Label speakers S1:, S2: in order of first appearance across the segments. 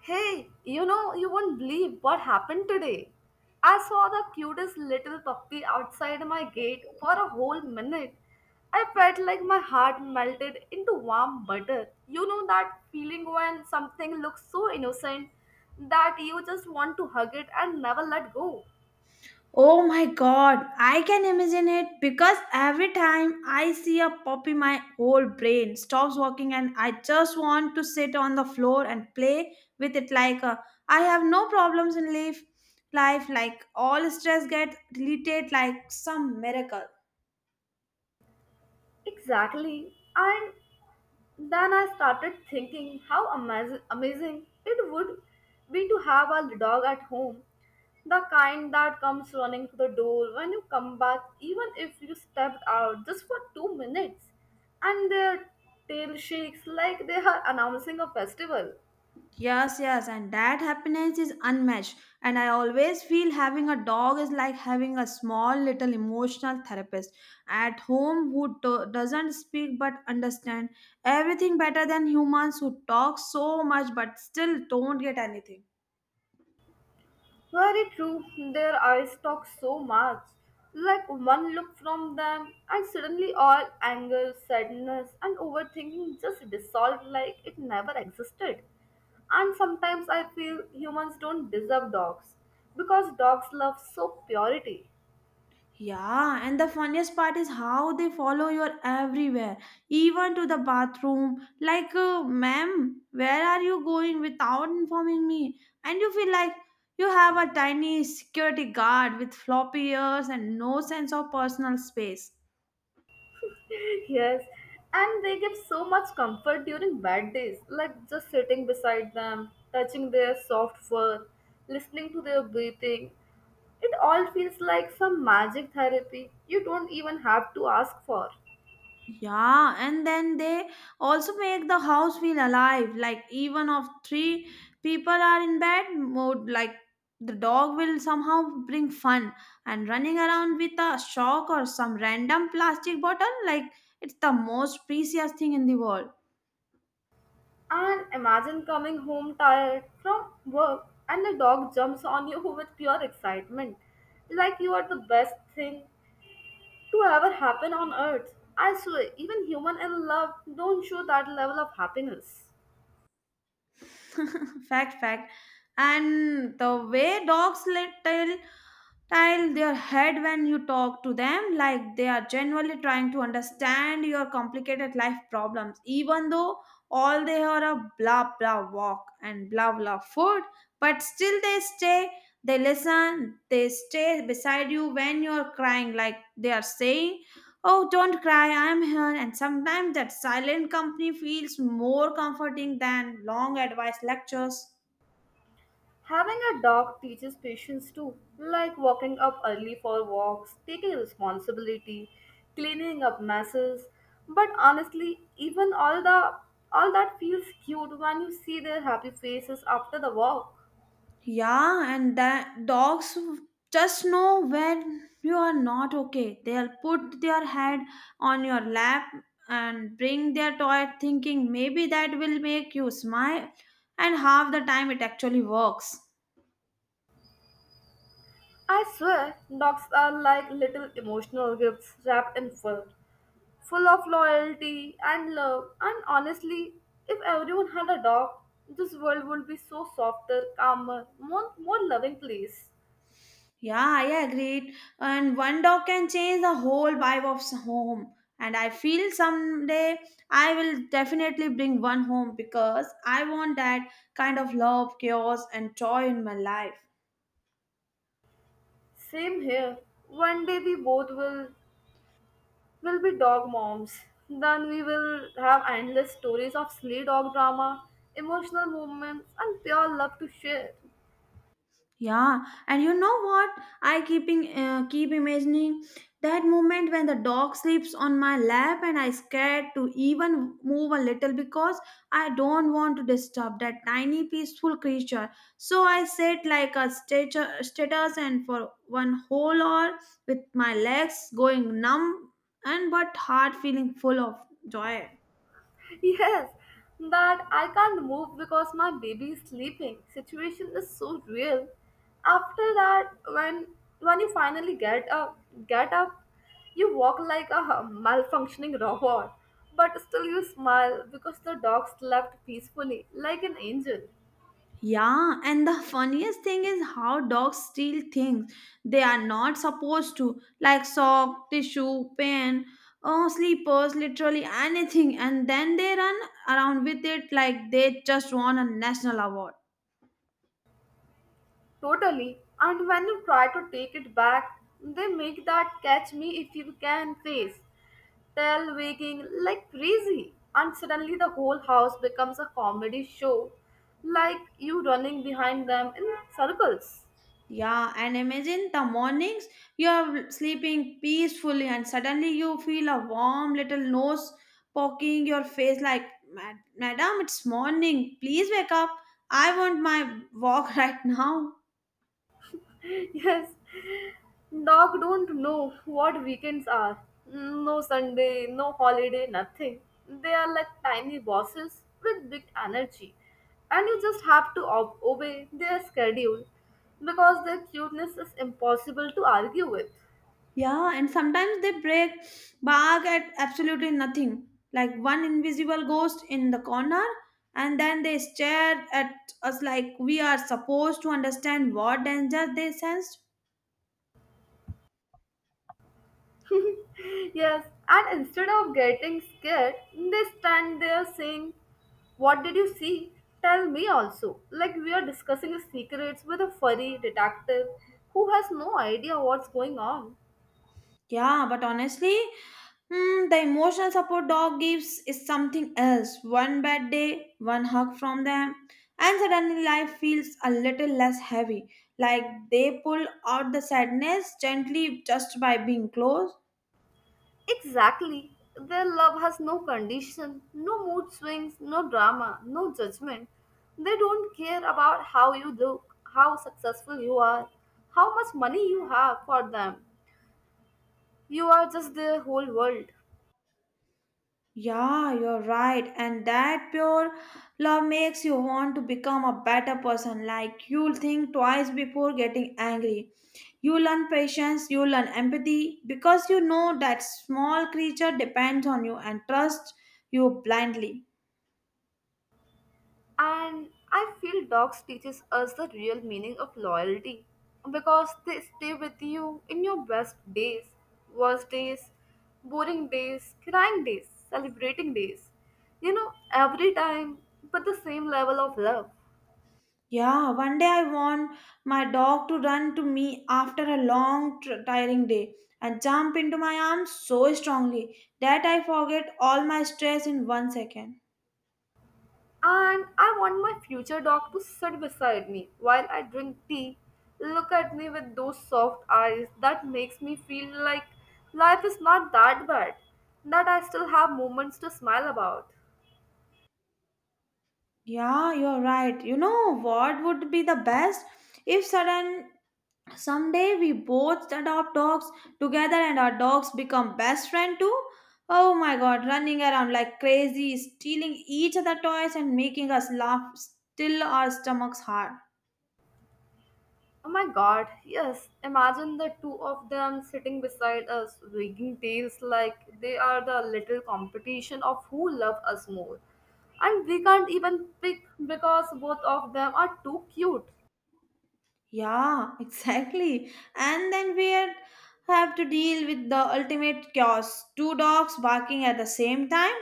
S1: Hey, you know, you won't believe what happened today. I saw the cutest little puppy outside my gate for a whole minute. I felt like my heart melted into warm butter. You know that feeling when something looks so innocent that you just want to hug it and never let go.
S2: Oh my god, I can imagine it because every time I see a puppy, my whole brain stops working and I just want to sit on the floor and play with it like a, I have no problems in life like all stress get deleted like some miracle.
S1: Exactly. And then I started thinking how amazing it would be to have a dog at home, the kind that comes running to the door when you come back, even if you stepped out just for 2 minutes, and their tail shakes like they are announcing a festival.
S2: Yes, yes, and that happiness is unmatched. And I always feel having a dog is like having a small little emotional therapist at home who doesn't speak but understand everything better than humans who talk so much but still don't get anything.
S1: Very true, their eyes talk so much. Like one look from them, and suddenly all anger, sadness, and overthinking just dissolve like it never existed. And sometimes I feel humans don't deserve dogs because dogs love so purity.
S2: Yeah, and the funniest part is how they follow you everywhere, even to the bathroom. Like, ma'am, where are you going without informing me? And you feel like you have a tiny security guard with floppy ears and no sense of personal space.
S1: Yes, and they give so much comfort during bad days, like just sitting beside them, touching their soft fur, listening to their breathing. It all feels like some magic therapy you don't even have to ask for.
S2: Yeah, and then they also make the house feel alive. Like even if three people are in bad mood, like the dog will somehow bring fun and running around with a shock or some random plastic bottle, like it's the most precious thing in the world.
S1: And imagine coming home tired from work and the dog jumps on you with pure excitement, like you are the best thing to ever happen on earth. I swear, even human in love don't show that level of happiness.
S2: Fact, fact. And the way dogs let tell Tile their head when you talk to them, like they are genuinely trying to understand your complicated life problems, even though all they are a blah blah walk and blah blah food, but still they stay, they listen, they stay beside you when you're crying, like they are saying, "Oh, don't cry, I'm here." And sometimes that silent company feels more comforting than long advice lectures.
S1: Having a dog teaches patience too, like walking up early for walks, taking responsibility, cleaning up messes. But honestly, even all that feels cute when you see their happy faces after the walk.
S2: Yeah, and that dogs just know when you are not okay. They'll put their head on your lap and bring their toy thinking maybe that will make you smile, and half the time it actually works.
S1: I swear, dogs are like little emotional gifts wrapped in fur, full of loyalty and love. And honestly, if everyone had a dog, this world would be so softer, calmer, more loving place.
S2: Yeah, I agree. And one dog can change the whole vibe of home. And I feel someday I will definitely bring one home because I want that kind of love, chaos, and joy in my life.
S1: Same here. One day we both will be dog moms. Then we will have endless stories of silly dog drama, emotional moments, and pure love to share.
S2: Yeah, and you know what? I keep imagining that moment when the dog sleeps on my lap and I scared to even move a little because I don't want to disturb that tiny peaceful creature. So I sit like a status and for one whole hour with my legs going numb and but heart feeling full of joy.
S1: Yes, that I can't move because my baby is sleeping. Situation is so real. After that, when you finally get up, you walk like a malfunctioning robot, but still you smile because the dog slept peacefully like an angel.
S2: Yeah, and the funniest thing is how dogs steal things they are not supposed to, like sock, tissue, pen, oh, sleepers, literally anything, and then they run around with it like they just won a national award.
S1: Totally. And when you try to take it back, they make that catch me if you can face. Tell wagging like crazy. And suddenly the whole house becomes a comedy show, like you running behind them in circles.
S2: Yeah, and imagine the mornings you are sleeping peacefully, and suddenly you feel a warm little nose poking your face, like, Madam, it's morning, please wake up. I want my walk right now."
S1: Yes, dog don't know what weekends are. No Sunday, no holiday, nothing. They are like tiny bosses with big energy, and you just have to obey their schedule because their cuteness is impossible to argue with.
S2: Yeah, and sometimes they break bark at absolutely nothing, like one invisible ghost in the corner, and then they stare at us like we are supposed to understand what danger they sensed.
S1: Yes, and instead of getting scared, they stand there saying, what did you see? Tell me also. Like we are discussing secrets with a furry detective who has no idea what's going on.
S2: Yeah, but honestly, the emotional support dog gives is something else. One bad day, one hug from them, and suddenly life feels a little less heavy. Like they pull out the sadness gently just by being close.
S1: Exactly. Their love has no condition, no mood swings, no drama, no judgment. They don't care about how you look, how successful you are, how much money you have for them. You are just their whole world.
S2: Yeah, you're right. And that pure love makes you want to become a better person. Like you'll think twice before getting angry. You learn patience, you learn empathy because you know that small creature depends on you and trusts you blindly.
S1: And I feel dogs teaches us the real meaning of loyalty because they stay with you in your best days, worst days, boring days, crying days, celebrating days. You know, every time with the same level of love.
S2: Yeah, one day I want my dog to run to me after a long, tiring day and jump into my arms so strongly that I forget all my stress in one second.
S1: And I want my future dog to sit beside me while I drink tea, look at me with those soft eyes that makes me feel like life is not that bad, that I still have moments to smile about.
S2: Yeah, you're right. You know what would be the best if sudden someday we both adopt dogs together and our dogs become best friend too? Oh my god, running around like crazy, stealing each other toys and making us laugh till our stomachs hurt.
S1: Oh my god, yes. Imagine the two of them sitting beside us, wagging tails like they are the little competition of who love us more. And we can't even pick because both of them are too cute.
S2: Yeah, exactly. And then have to deal with the ultimate chaos. Two dogs barking at the same time,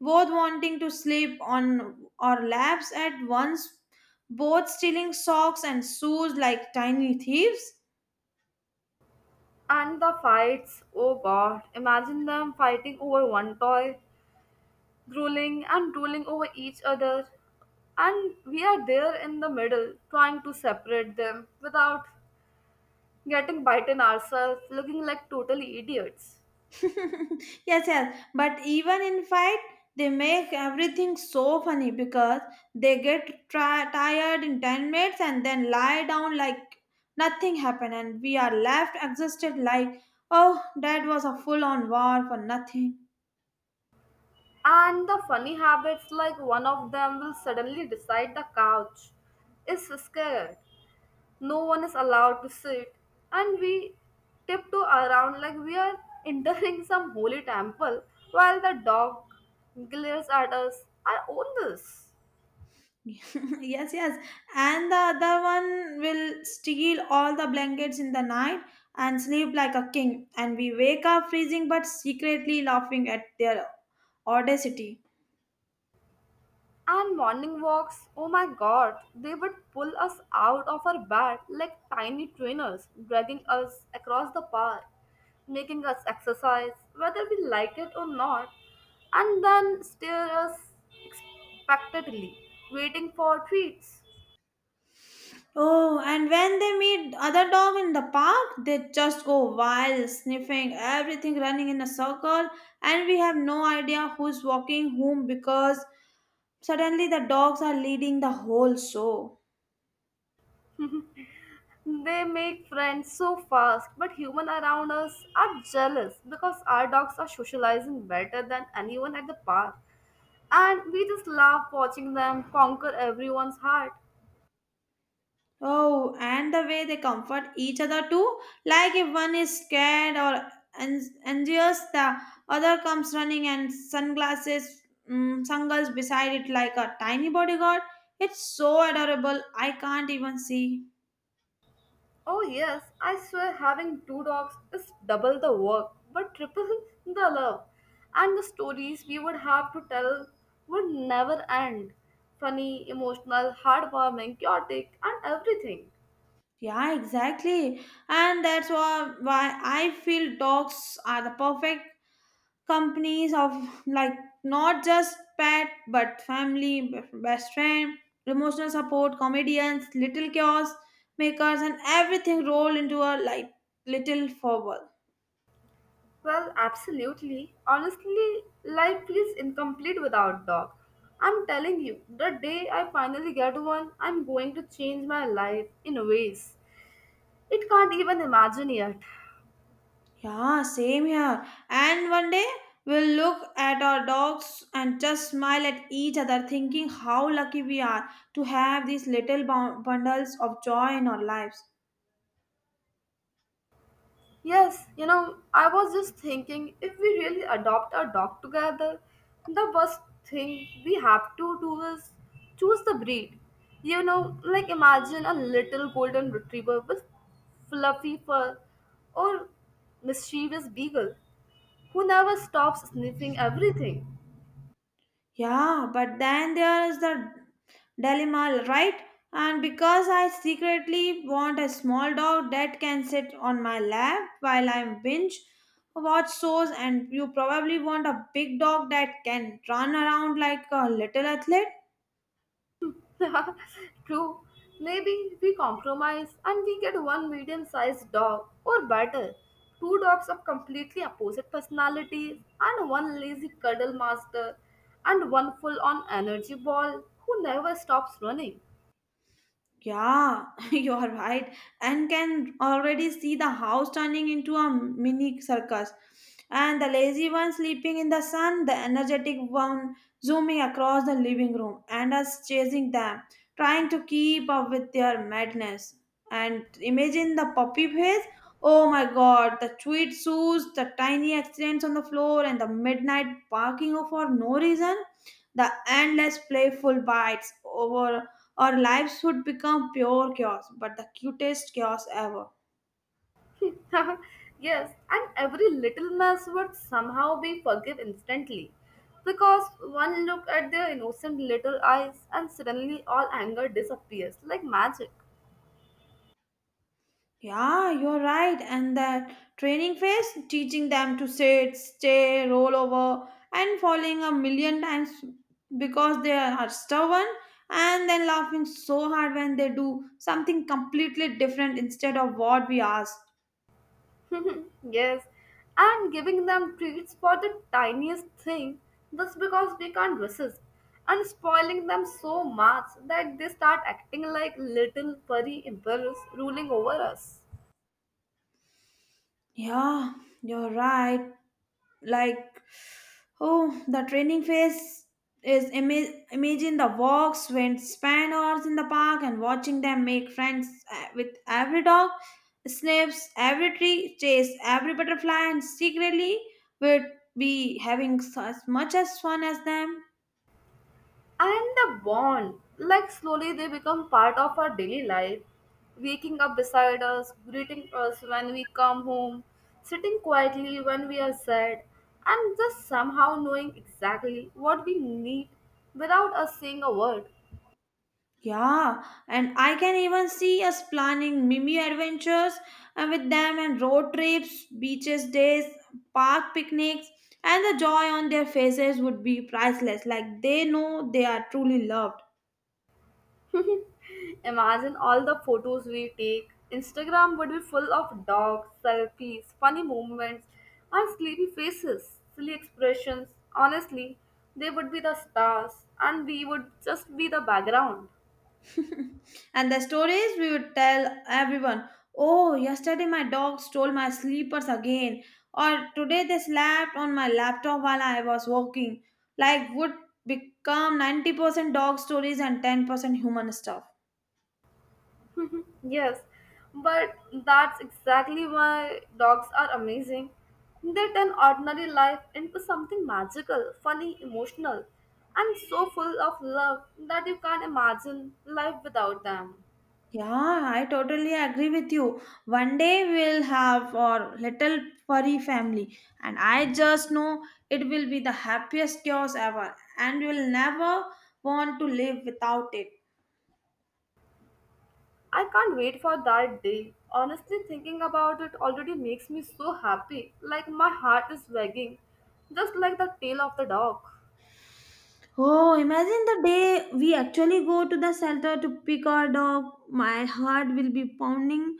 S2: both wanting to sleep on our laps at once, both stealing socks and shoes like tiny thieves.
S1: And the fights, oh god, imagine them fighting over one toy, drooling and drooling over each other. And we are there in the middle, trying to separate them without getting bitten ourselves, looking like total idiots.
S2: Yes, yes, but even in fight they make everything so funny because they get tired in 10 minutes and then lie down like nothing happened and we are left exhausted like, oh, that was a full on war for nothing.
S1: And the funny habits, like one of them will suddenly decide the couch is scared. No one is allowed to sit, and we tiptoe around like we are entering some holy temple while the dog glares at us. I own this.
S2: Yes, yes, and the other one will steal all the blankets in the night and sleep like a king, and we wake up freezing but secretly laughing at their audacity.
S1: And morning walks, oh my god, they would pull us out of our bed like tiny trainers, dragging us across the park, making us exercise, whether we like it or not, and then stare us expectantly, waiting for treats.
S2: Oh, and when they meet other dog in the park, they just go wild, sniffing everything, running in a circle, and we have no idea who's walking whom because suddenly the dogs are leading the whole show.
S1: They make friends so fast, but humans around us are jealous because our dogs are socializing better than anyone at the park. And we just laugh watching them conquer everyone's heart.
S2: Oh, and the way they comfort each other too, like if one is scared or anxious, the other comes running and sunglasses beside it like a tiny bodyguard. It's so adorable. I can't even see.
S1: Oh, yes, I swear having two dogs is double the work, but triple the love. And the stories we would have to tell would never end. Funny, emotional, heartwarming, chaotic, and everything.
S2: Yeah, exactly. And that's why I feel dogs are the perfect companies of like not just pet but family, best friend, emotional support, comedians, little chaos makers, and everything roll into a like little forward.
S1: Well, absolutely. Honestly, life feels incomplete without dog. I'm telling you, the day I finally get one, I'm going to change my life in ways it can't even imagine yet.
S2: Yeah, same here. And one day we'll look at our dogs and just smile at each other, thinking how lucky we are to have these little bundles of joy in our lives.
S1: Yes, you know, I was just thinking if we really adopt a dog together, the first thing we have to do is choose the breed. You know, like imagine a little golden retriever with fluffy fur or mischievous beagle who never stops sniffing everything.
S2: Yeah, but then there is the dilemma, right? And because I secretly want a small dog that can sit on my lap while I binge watch shows, and you probably want a big dog that can run around like a little athlete.
S1: True. Maybe we compromise and we get one medium sized dog, or better, two dogs of completely opposite personalities, and one lazy cuddle master, and one full on energy ball who never stops running.
S2: Yeah, you are right. And can already see the house turning into a mini circus. And the lazy one sleeping in the sun, the energetic one zooming across the living room, and us chasing them, trying to keep up with their madness. And imagine the puppy face. Oh my god, the sweet shoes, the tiny accidents on the floor, and the midnight barking for no reason, the endless playful bites over our lives would become pure chaos, but the cutest chaos ever.
S1: Yes, and every little mess would somehow be forgiven instantly. Because one look at their innocent little eyes, and suddenly all anger disappears like magic.
S2: Yeah, you're right. And that training phase, teaching them to sit, stay, roll over, and falling a million times because they are stubborn, and then laughing so hard when they do something completely different instead of what we asked.
S1: Yes, and giving them treats for the tiniest thing just because we can't resist, and spoiling them so much that they start acting like little furry emperors ruling over us.
S2: Yeah, you're right. Like oh the training phase is imagine the walks when spend hours in the park and watching them make friends with every dog, sniffs every tree, chase every butterfly, and secretly would be having as much as fun as them.
S1: And the bond, like slowly they become part of our daily life, waking up beside us, greeting us when we come home, sitting quietly when we are sad, and just somehow knowing exactly what we need without us saying a word.
S2: Yeah, and I can even see us planning mini adventures and with them and road trips, beaches days, park picnics, and the joy on their faces would be priceless. Like they know they are truly loved.
S1: Imagine all the photos we take. Instagram would be full of dogs, selfies, funny movements, and sleepy faces, silly expressions. Honestly, they would be the stars, and we would just be the background.
S2: And the stories we would tell everyone. Oh, yesterday my dog stole my sleepers again, or today they slapped on my laptop while I was working. Like would become 90% dog stories and 10% human stuff.
S1: Yes, but that's exactly why dogs are amazing. They turn ordinary life into something magical, funny, emotional, and so full of love that you can't imagine life without them.
S2: Yeah, I totally agree with you. One day we'll have our little furry family, and I just know it will be the happiest chaos ever, and we'll never want to live without it.
S1: I can't wait for that day. Honestly, thinking about it already makes me so happy. Like my heart is wagging, just like the tail of the dog.
S2: Oh, imagine the day we actually go to the shelter to pick our dog. My heart will be pounding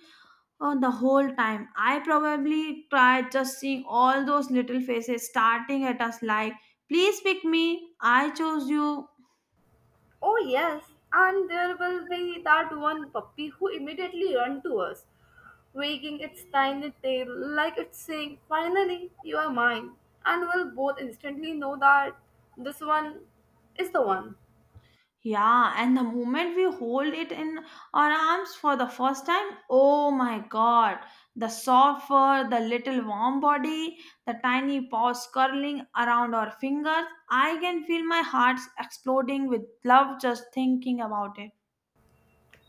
S2: the whole time. I probably tried just seeing all those little faces starting at us like, "Please pick me, I chose you."
S1: Oh, yes, and there will be that one puppy who immediately ran to us, wagging its tiny tail like it's saying, finally, you are mine. And we'll both instantly know that this one is the one.
S2: Yeah, and the moment we hold it in our arms for the first time, oh my god, the soft fur, the little warm body, the tiny paws curling around our fingers. I can feel my heart exploding with love just thinking about it.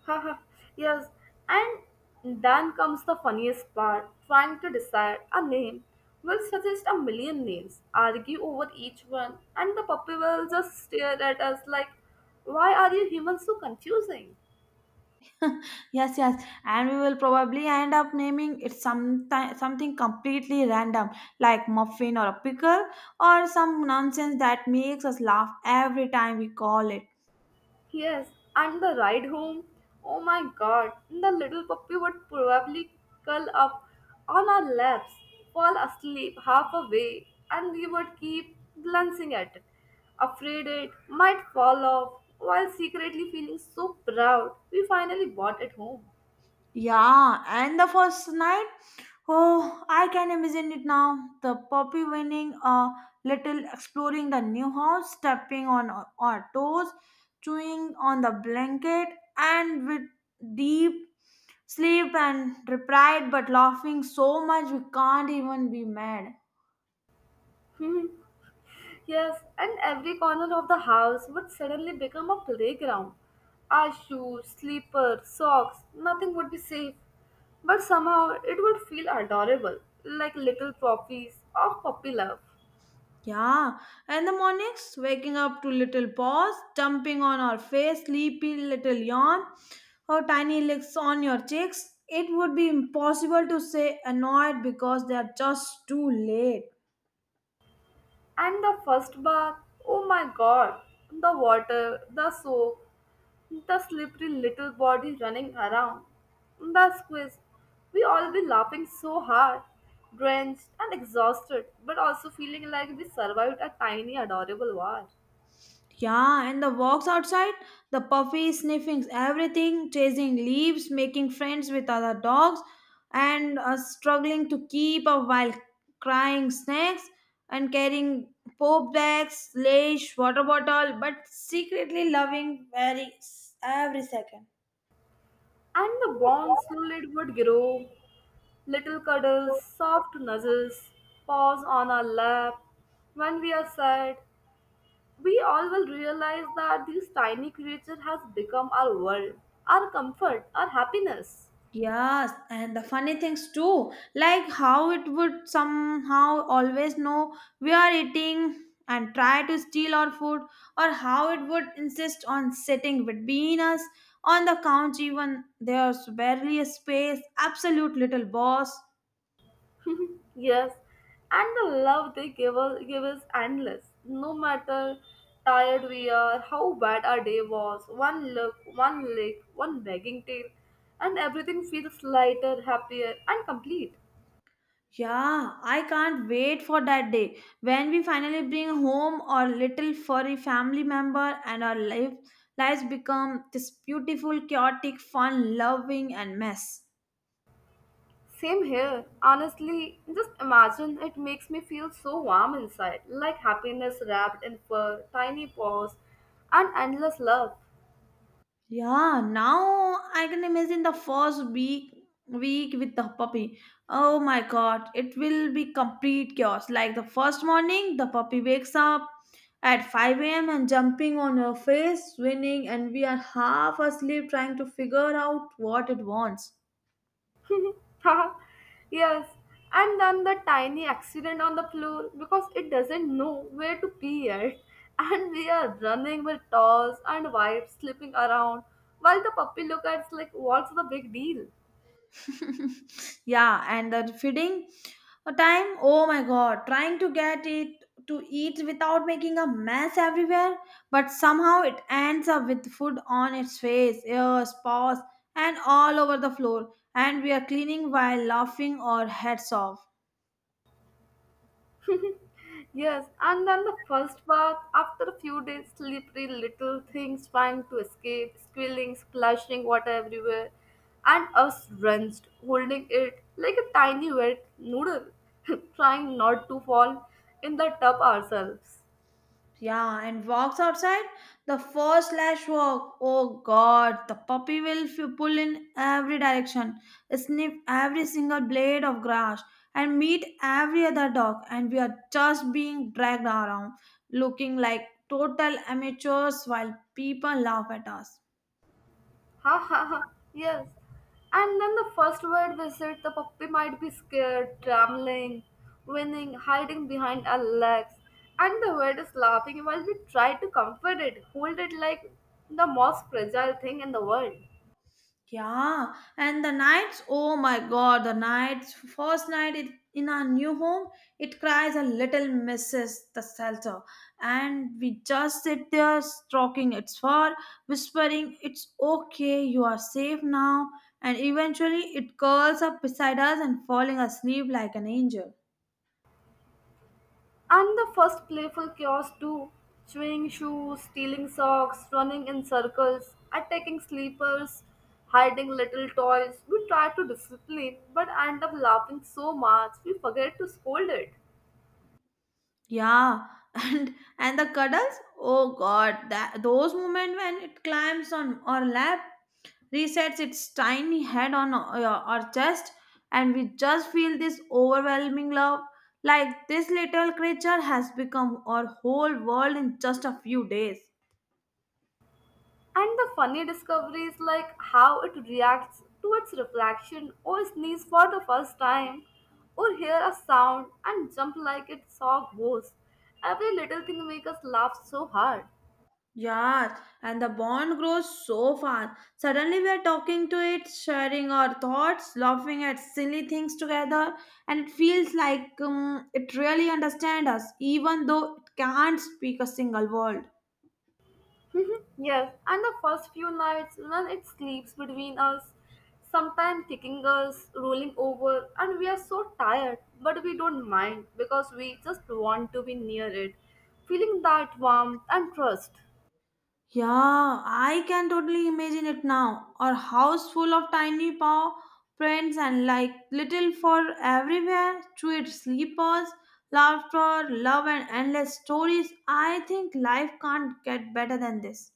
S1: Haha, yes, and then comes the funniest part trying to decide a name. Will suggest a million names, argue over each one, and the puppy will just stare at us like, why are you humans so confusing?
S2: Yes, yes, and we will probably end up naming it sometime, something completely random like muffin or a pickle or some nonsense that makes us laugh every time we call it.
S1: Yes, and the ride home. Oh my god, the little puppy would probably curl up on our laps, fall asleep half away, and we would keep glancing at it, afraid it might fall off, while secretly feeling so proud we finally bought it home.
S2: Yeah, and the first night, oh, I can imagine it now. The puppy winning a little, exploring the new house, stepping on our toes, chewing on the blanket, and with deep sleep and replied, but laughing so much we can't even be mad.
S1: Yes, and every corner of the house would suddenly become a playground. Our shoes, slippers, socks, nothing would be safe. But somehow it would feel adorable, like little trophies of puppy love.
S2: Yeah, and the mornings, waking up to little paws, dumping on our face, sleepy little yawn, or tiny licks on your cheeks, it would be impossible to say annoyed because they are just too late.
S1: And the first bath, oh my god, the water, the soap, the slippery little body running around. The squeeze. We all be laughing so hard, drenched and exhausted, but also feeling like we survived a tiny, adorable war.
S2: Yeah, and the walks outside, the puppy sniffing everything, chasing leaves, making friends with other dogs, and struggling to keep up while crying snacks and carrying pope bags, leash, water bottle, but secretly loving very every second.
S1: And the bond slowly would grow. Little cuddles, soft nuzzles, paws on our lap. When we are sad, we all will realize that this tiny creature has become our world, our comfort, our happiness.
S2: Yes, and the funny things too, like how it would somehow always know we are eating and try to steal our food, or how it would insist on sitting between us on the couch, even there's barely a space. Absolute little boss.
S1: Yes, and the love they give is endless. No matter tired we are, how bad our day was, one look, one lick, one begging tail, and everything feels lighter, happier, and complete.
S2: Yeah, I can't wait for that day when we finally bring home our little furry family member and lives become this beautiful, chaotic, fun, loving, and mess.
S1: Same here. Honestly, just imagine it makes me feel so warm inside, like happiness wrapped in fur, tiny paws, and endless love.
S2: Yeah, now I can imagine the first week with the puppy. Oh my god, it will be complete chaos. Like the first morning, the puppy wakes up at 5 a.m. and jumping on her face, swinging, and we are half asleep trying to figure out what it wants.
S1: Yes, and then the tiny accident on the floor because it doesn't know where to pee yet, and we are running with towels and wipes slipping around while the puppy looks at us like what's the big deal?
S2: Yeah, and the feeding time, oh my god, trying to get it to eat without making a mess everywhere, but somehow it ends up with food on its face, ears, paws, and all over the floor, and we are cleaning while laughing our heads off.
S1: Yes, and then the first bath, after a few days, slippery little things trying to escape, squealing, splashing water everywhere, and us drenched, holding it like a tiny wet noodle, trying not to fall in the tub ourselves.
S2: Yeah, and walks outside. The first lash walk. Oh god, the puppy will pull in every direction, sniff every single blade of grass, and meet every other dog. And we are just being dragged around, looking like total amateurs while people laugh at us.
S1: Ha ha ha, yes. And then the first word visit, the puppy might be scared, trembling, winning, hiding behind our legs. And the word is laughing while we try to comfort it, hold it like the most fragile thing in the world.
S2: Yeah, and the nights, oh my god, the nights, first night it, in our new home, it cries a little misses the shelter. And we just sit there, stroking its fur, whispering, it's okay, you are safe now. And eventually it curls up beside us and falling asleep like an angel.
S1: And the first playful chaos too, chewing shoes, stealing socks, running in circles, attacking sleepers, hiding little toys. We try to discipline, but end up laughing so much we forget to scold it.
S2: Yeah, and the cuddles, oh god, that those moments when it climbs on our lap resets its tiny head on our chest, and we just feel this overwhelming love. Like this little creature has become our whole world in just a few days.
S1: And the funny discovery is like how it reacts to its reflection or sneeze for the first time or hear a sound and jump like it saw ghosts. Every little thing makes us laugh so hard.
S2: Yes, and the bond grows so fast. Suddenly, we are talking to it, sharing our thoughts, laughing at silly things together, and it feels like it really understands us, even though it can't speak a single word.
S1: Yes, and the first few nights when it sleeps between us, sometimes kicking us, rolling over, and we are so tired, but we don't mind because we just want to be near it, feeling that warmth and trust.
S2: Yeah, I can totally imagine it now. Or house full of tiny paw prints and like little for everywhere, tweed sleepers, laughter, love and endless stories. I think life can't get better than this.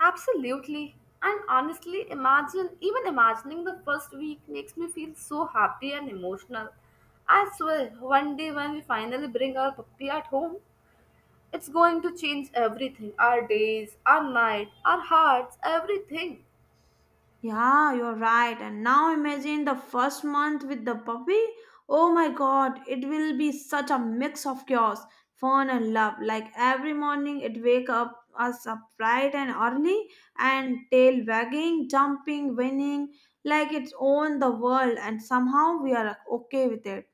S1: Absolutely. And honestly, imagine, even imagining the first week makes me feel so happy and emotional. I swear, one day when we finally bring our puppy at home, it's going to change everything, our days, our night, our hearts, everything.
S2: Yeah, you're right. And now imagine the first month with the puppy. Oh my god, it will be such a mix of chaos, fun and love. Like every morning it wake up us up bright and early and tail wagging, jumping, winning, like it's own the world and somehow we are okay with it.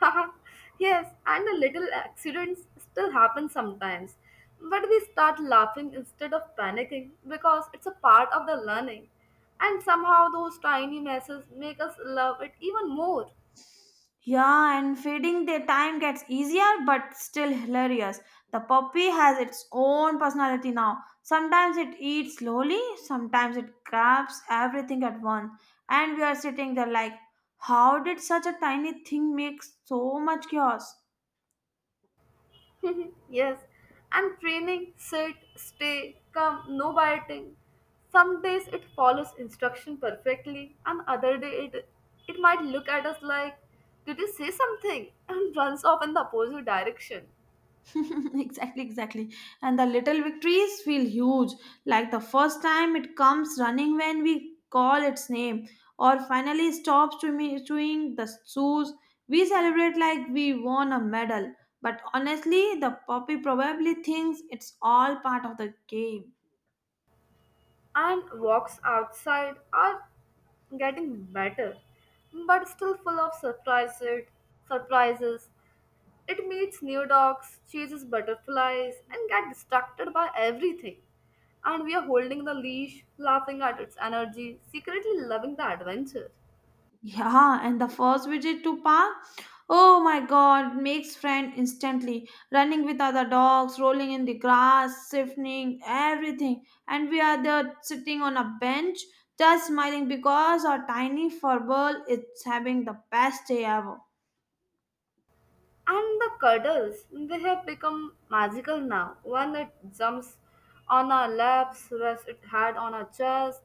S1: Yes, and a little accidents still happen sometimes. But we start laughing instead of panicking because it's a part of the learning. And somehow those tiny messes make us love it even more.
S2: Yeah, and feeding their time gets easier but still hilarious. The puppy has its own personality now. Sometimes it eats slowly, sometimes it grabs everything at once. And we are sitting there like, how did such a tiny thing make so much chaos?
S1: Yes, and training, sit, stay, come, no biting. Some days it follows instruction perfectly, and other day it might look at us like, did you say something? And runs off in the opposite direction.
S2: Exactly, exactly. And the little victories feel huge, like the first time it comes running when we call its name, or finally stops chewing the shoes. We celebrate like we won a medal, but honestly, the puppy probably thinks it's all part of the game.
S1: And walks outside are getting better, but still full of surprises. Surprises. It meets new dogs, chases butterflies, and gets distracted by everything. And we are holding the leash, laughing at its energy, secretly loving the adventure.
S2: Yeah, and the first visit to park, oh my god, makes friend instantly. Running with other dogs, rolling in the grass, sniffing everything, and we are there sitting on a bench, just smiling because our tiny furball is having the best day ever.
S1: And the cuddles, they have become magical now. When it jumps on our laps, rests its head on our chest,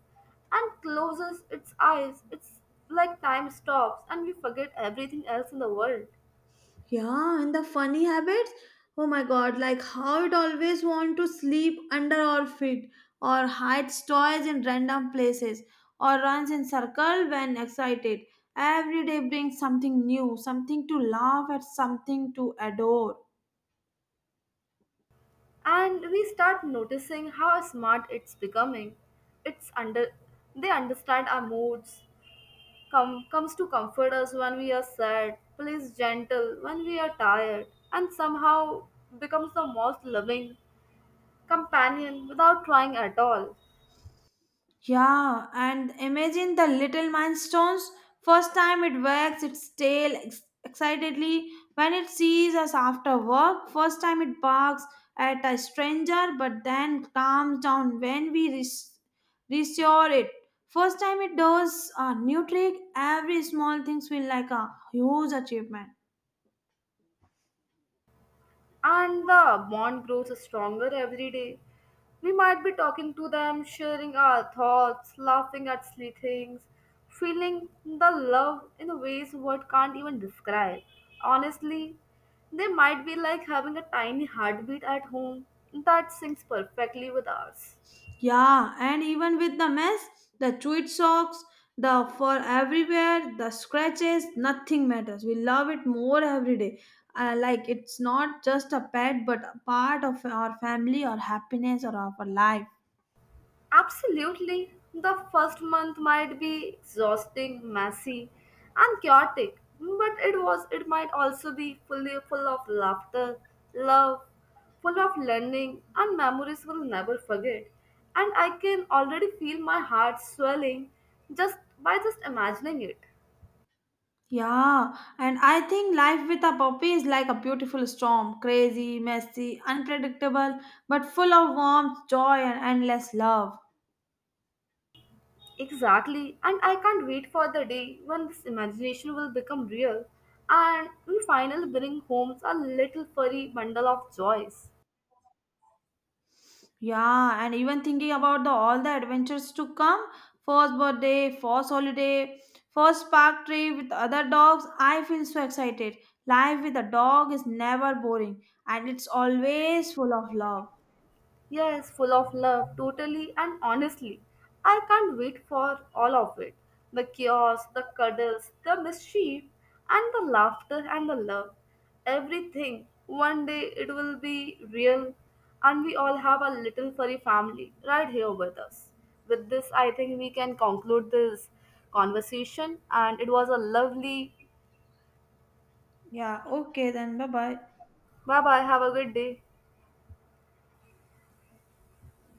S1: and closes its eyes, it's like time stops and we forget everything else in the world.
S2: Yeah, and the funny habits. Oh my god, like how it always want to sleep under our feet or hides toys in random places or runs in circle when excited. Every day brings something new, something to laugh at, something to adore.
S1: And we start noticing how smart it's becoming. It's under they understand our moods, comes to comfort us when we are sad, plays gentle when we are tired, and somehow becomes the most loving companion without trying at all.
S2: Yeah, and imagine the little milestones. First time it wags its tail excitedly when it sees us after work. First time it barks at a stranger, but then calms down when we reassure it. First time it does a new trick, every small thing feels like a huge achievement.
S1: And the bond grows stronger every day. We might be talking to them, sharing our thoughts, laughing at silly things, feeling the love in ways words can't even describe. Honestly, they might be like having a tiny heartbeat at home that syncs perfectly with ours.
S2: Yeah, and even with the mess, the tweed socks, the fur everywhere, the scratches, nothing matters. We love it more every day. Like it's not just a pet, but a part of our family, our happiness, or our life.
S1: Absolutely. The first month might be exhausting, messy, and chaotic, but it might also be full of laughter, love, full of learning and memories we'll never forget. And I can already feel my heart swelling just imagining it.
S2: Yeah, and I think life with a puppy is like a beautiful storm, crazy, messy, unpredictable, but full of warmth, joy, and endless love.
S1: Exactly, and I can't wait for the day when this imagination will become real and we finally bring home a little furry bundle of joys.
S2: Yeah, and even thinking about the all the adventures to come, first birthday, first holiday, first park trip with other dogs, I feel so excited. Life with a dog is never boring and it's always full of love.
S1: Yes, full of love, totally and honestly. I can't wait for all of it. The chaos, the cuddles, the mischief, and the laughter and the love. Everything. One day it will be real, and we all have a little furry family right here with us. With this, I think we can conclude this conversation, and it was a lovely.
S2: Yeah, okay then, bye bye.
S1: Bye bye, have a good day.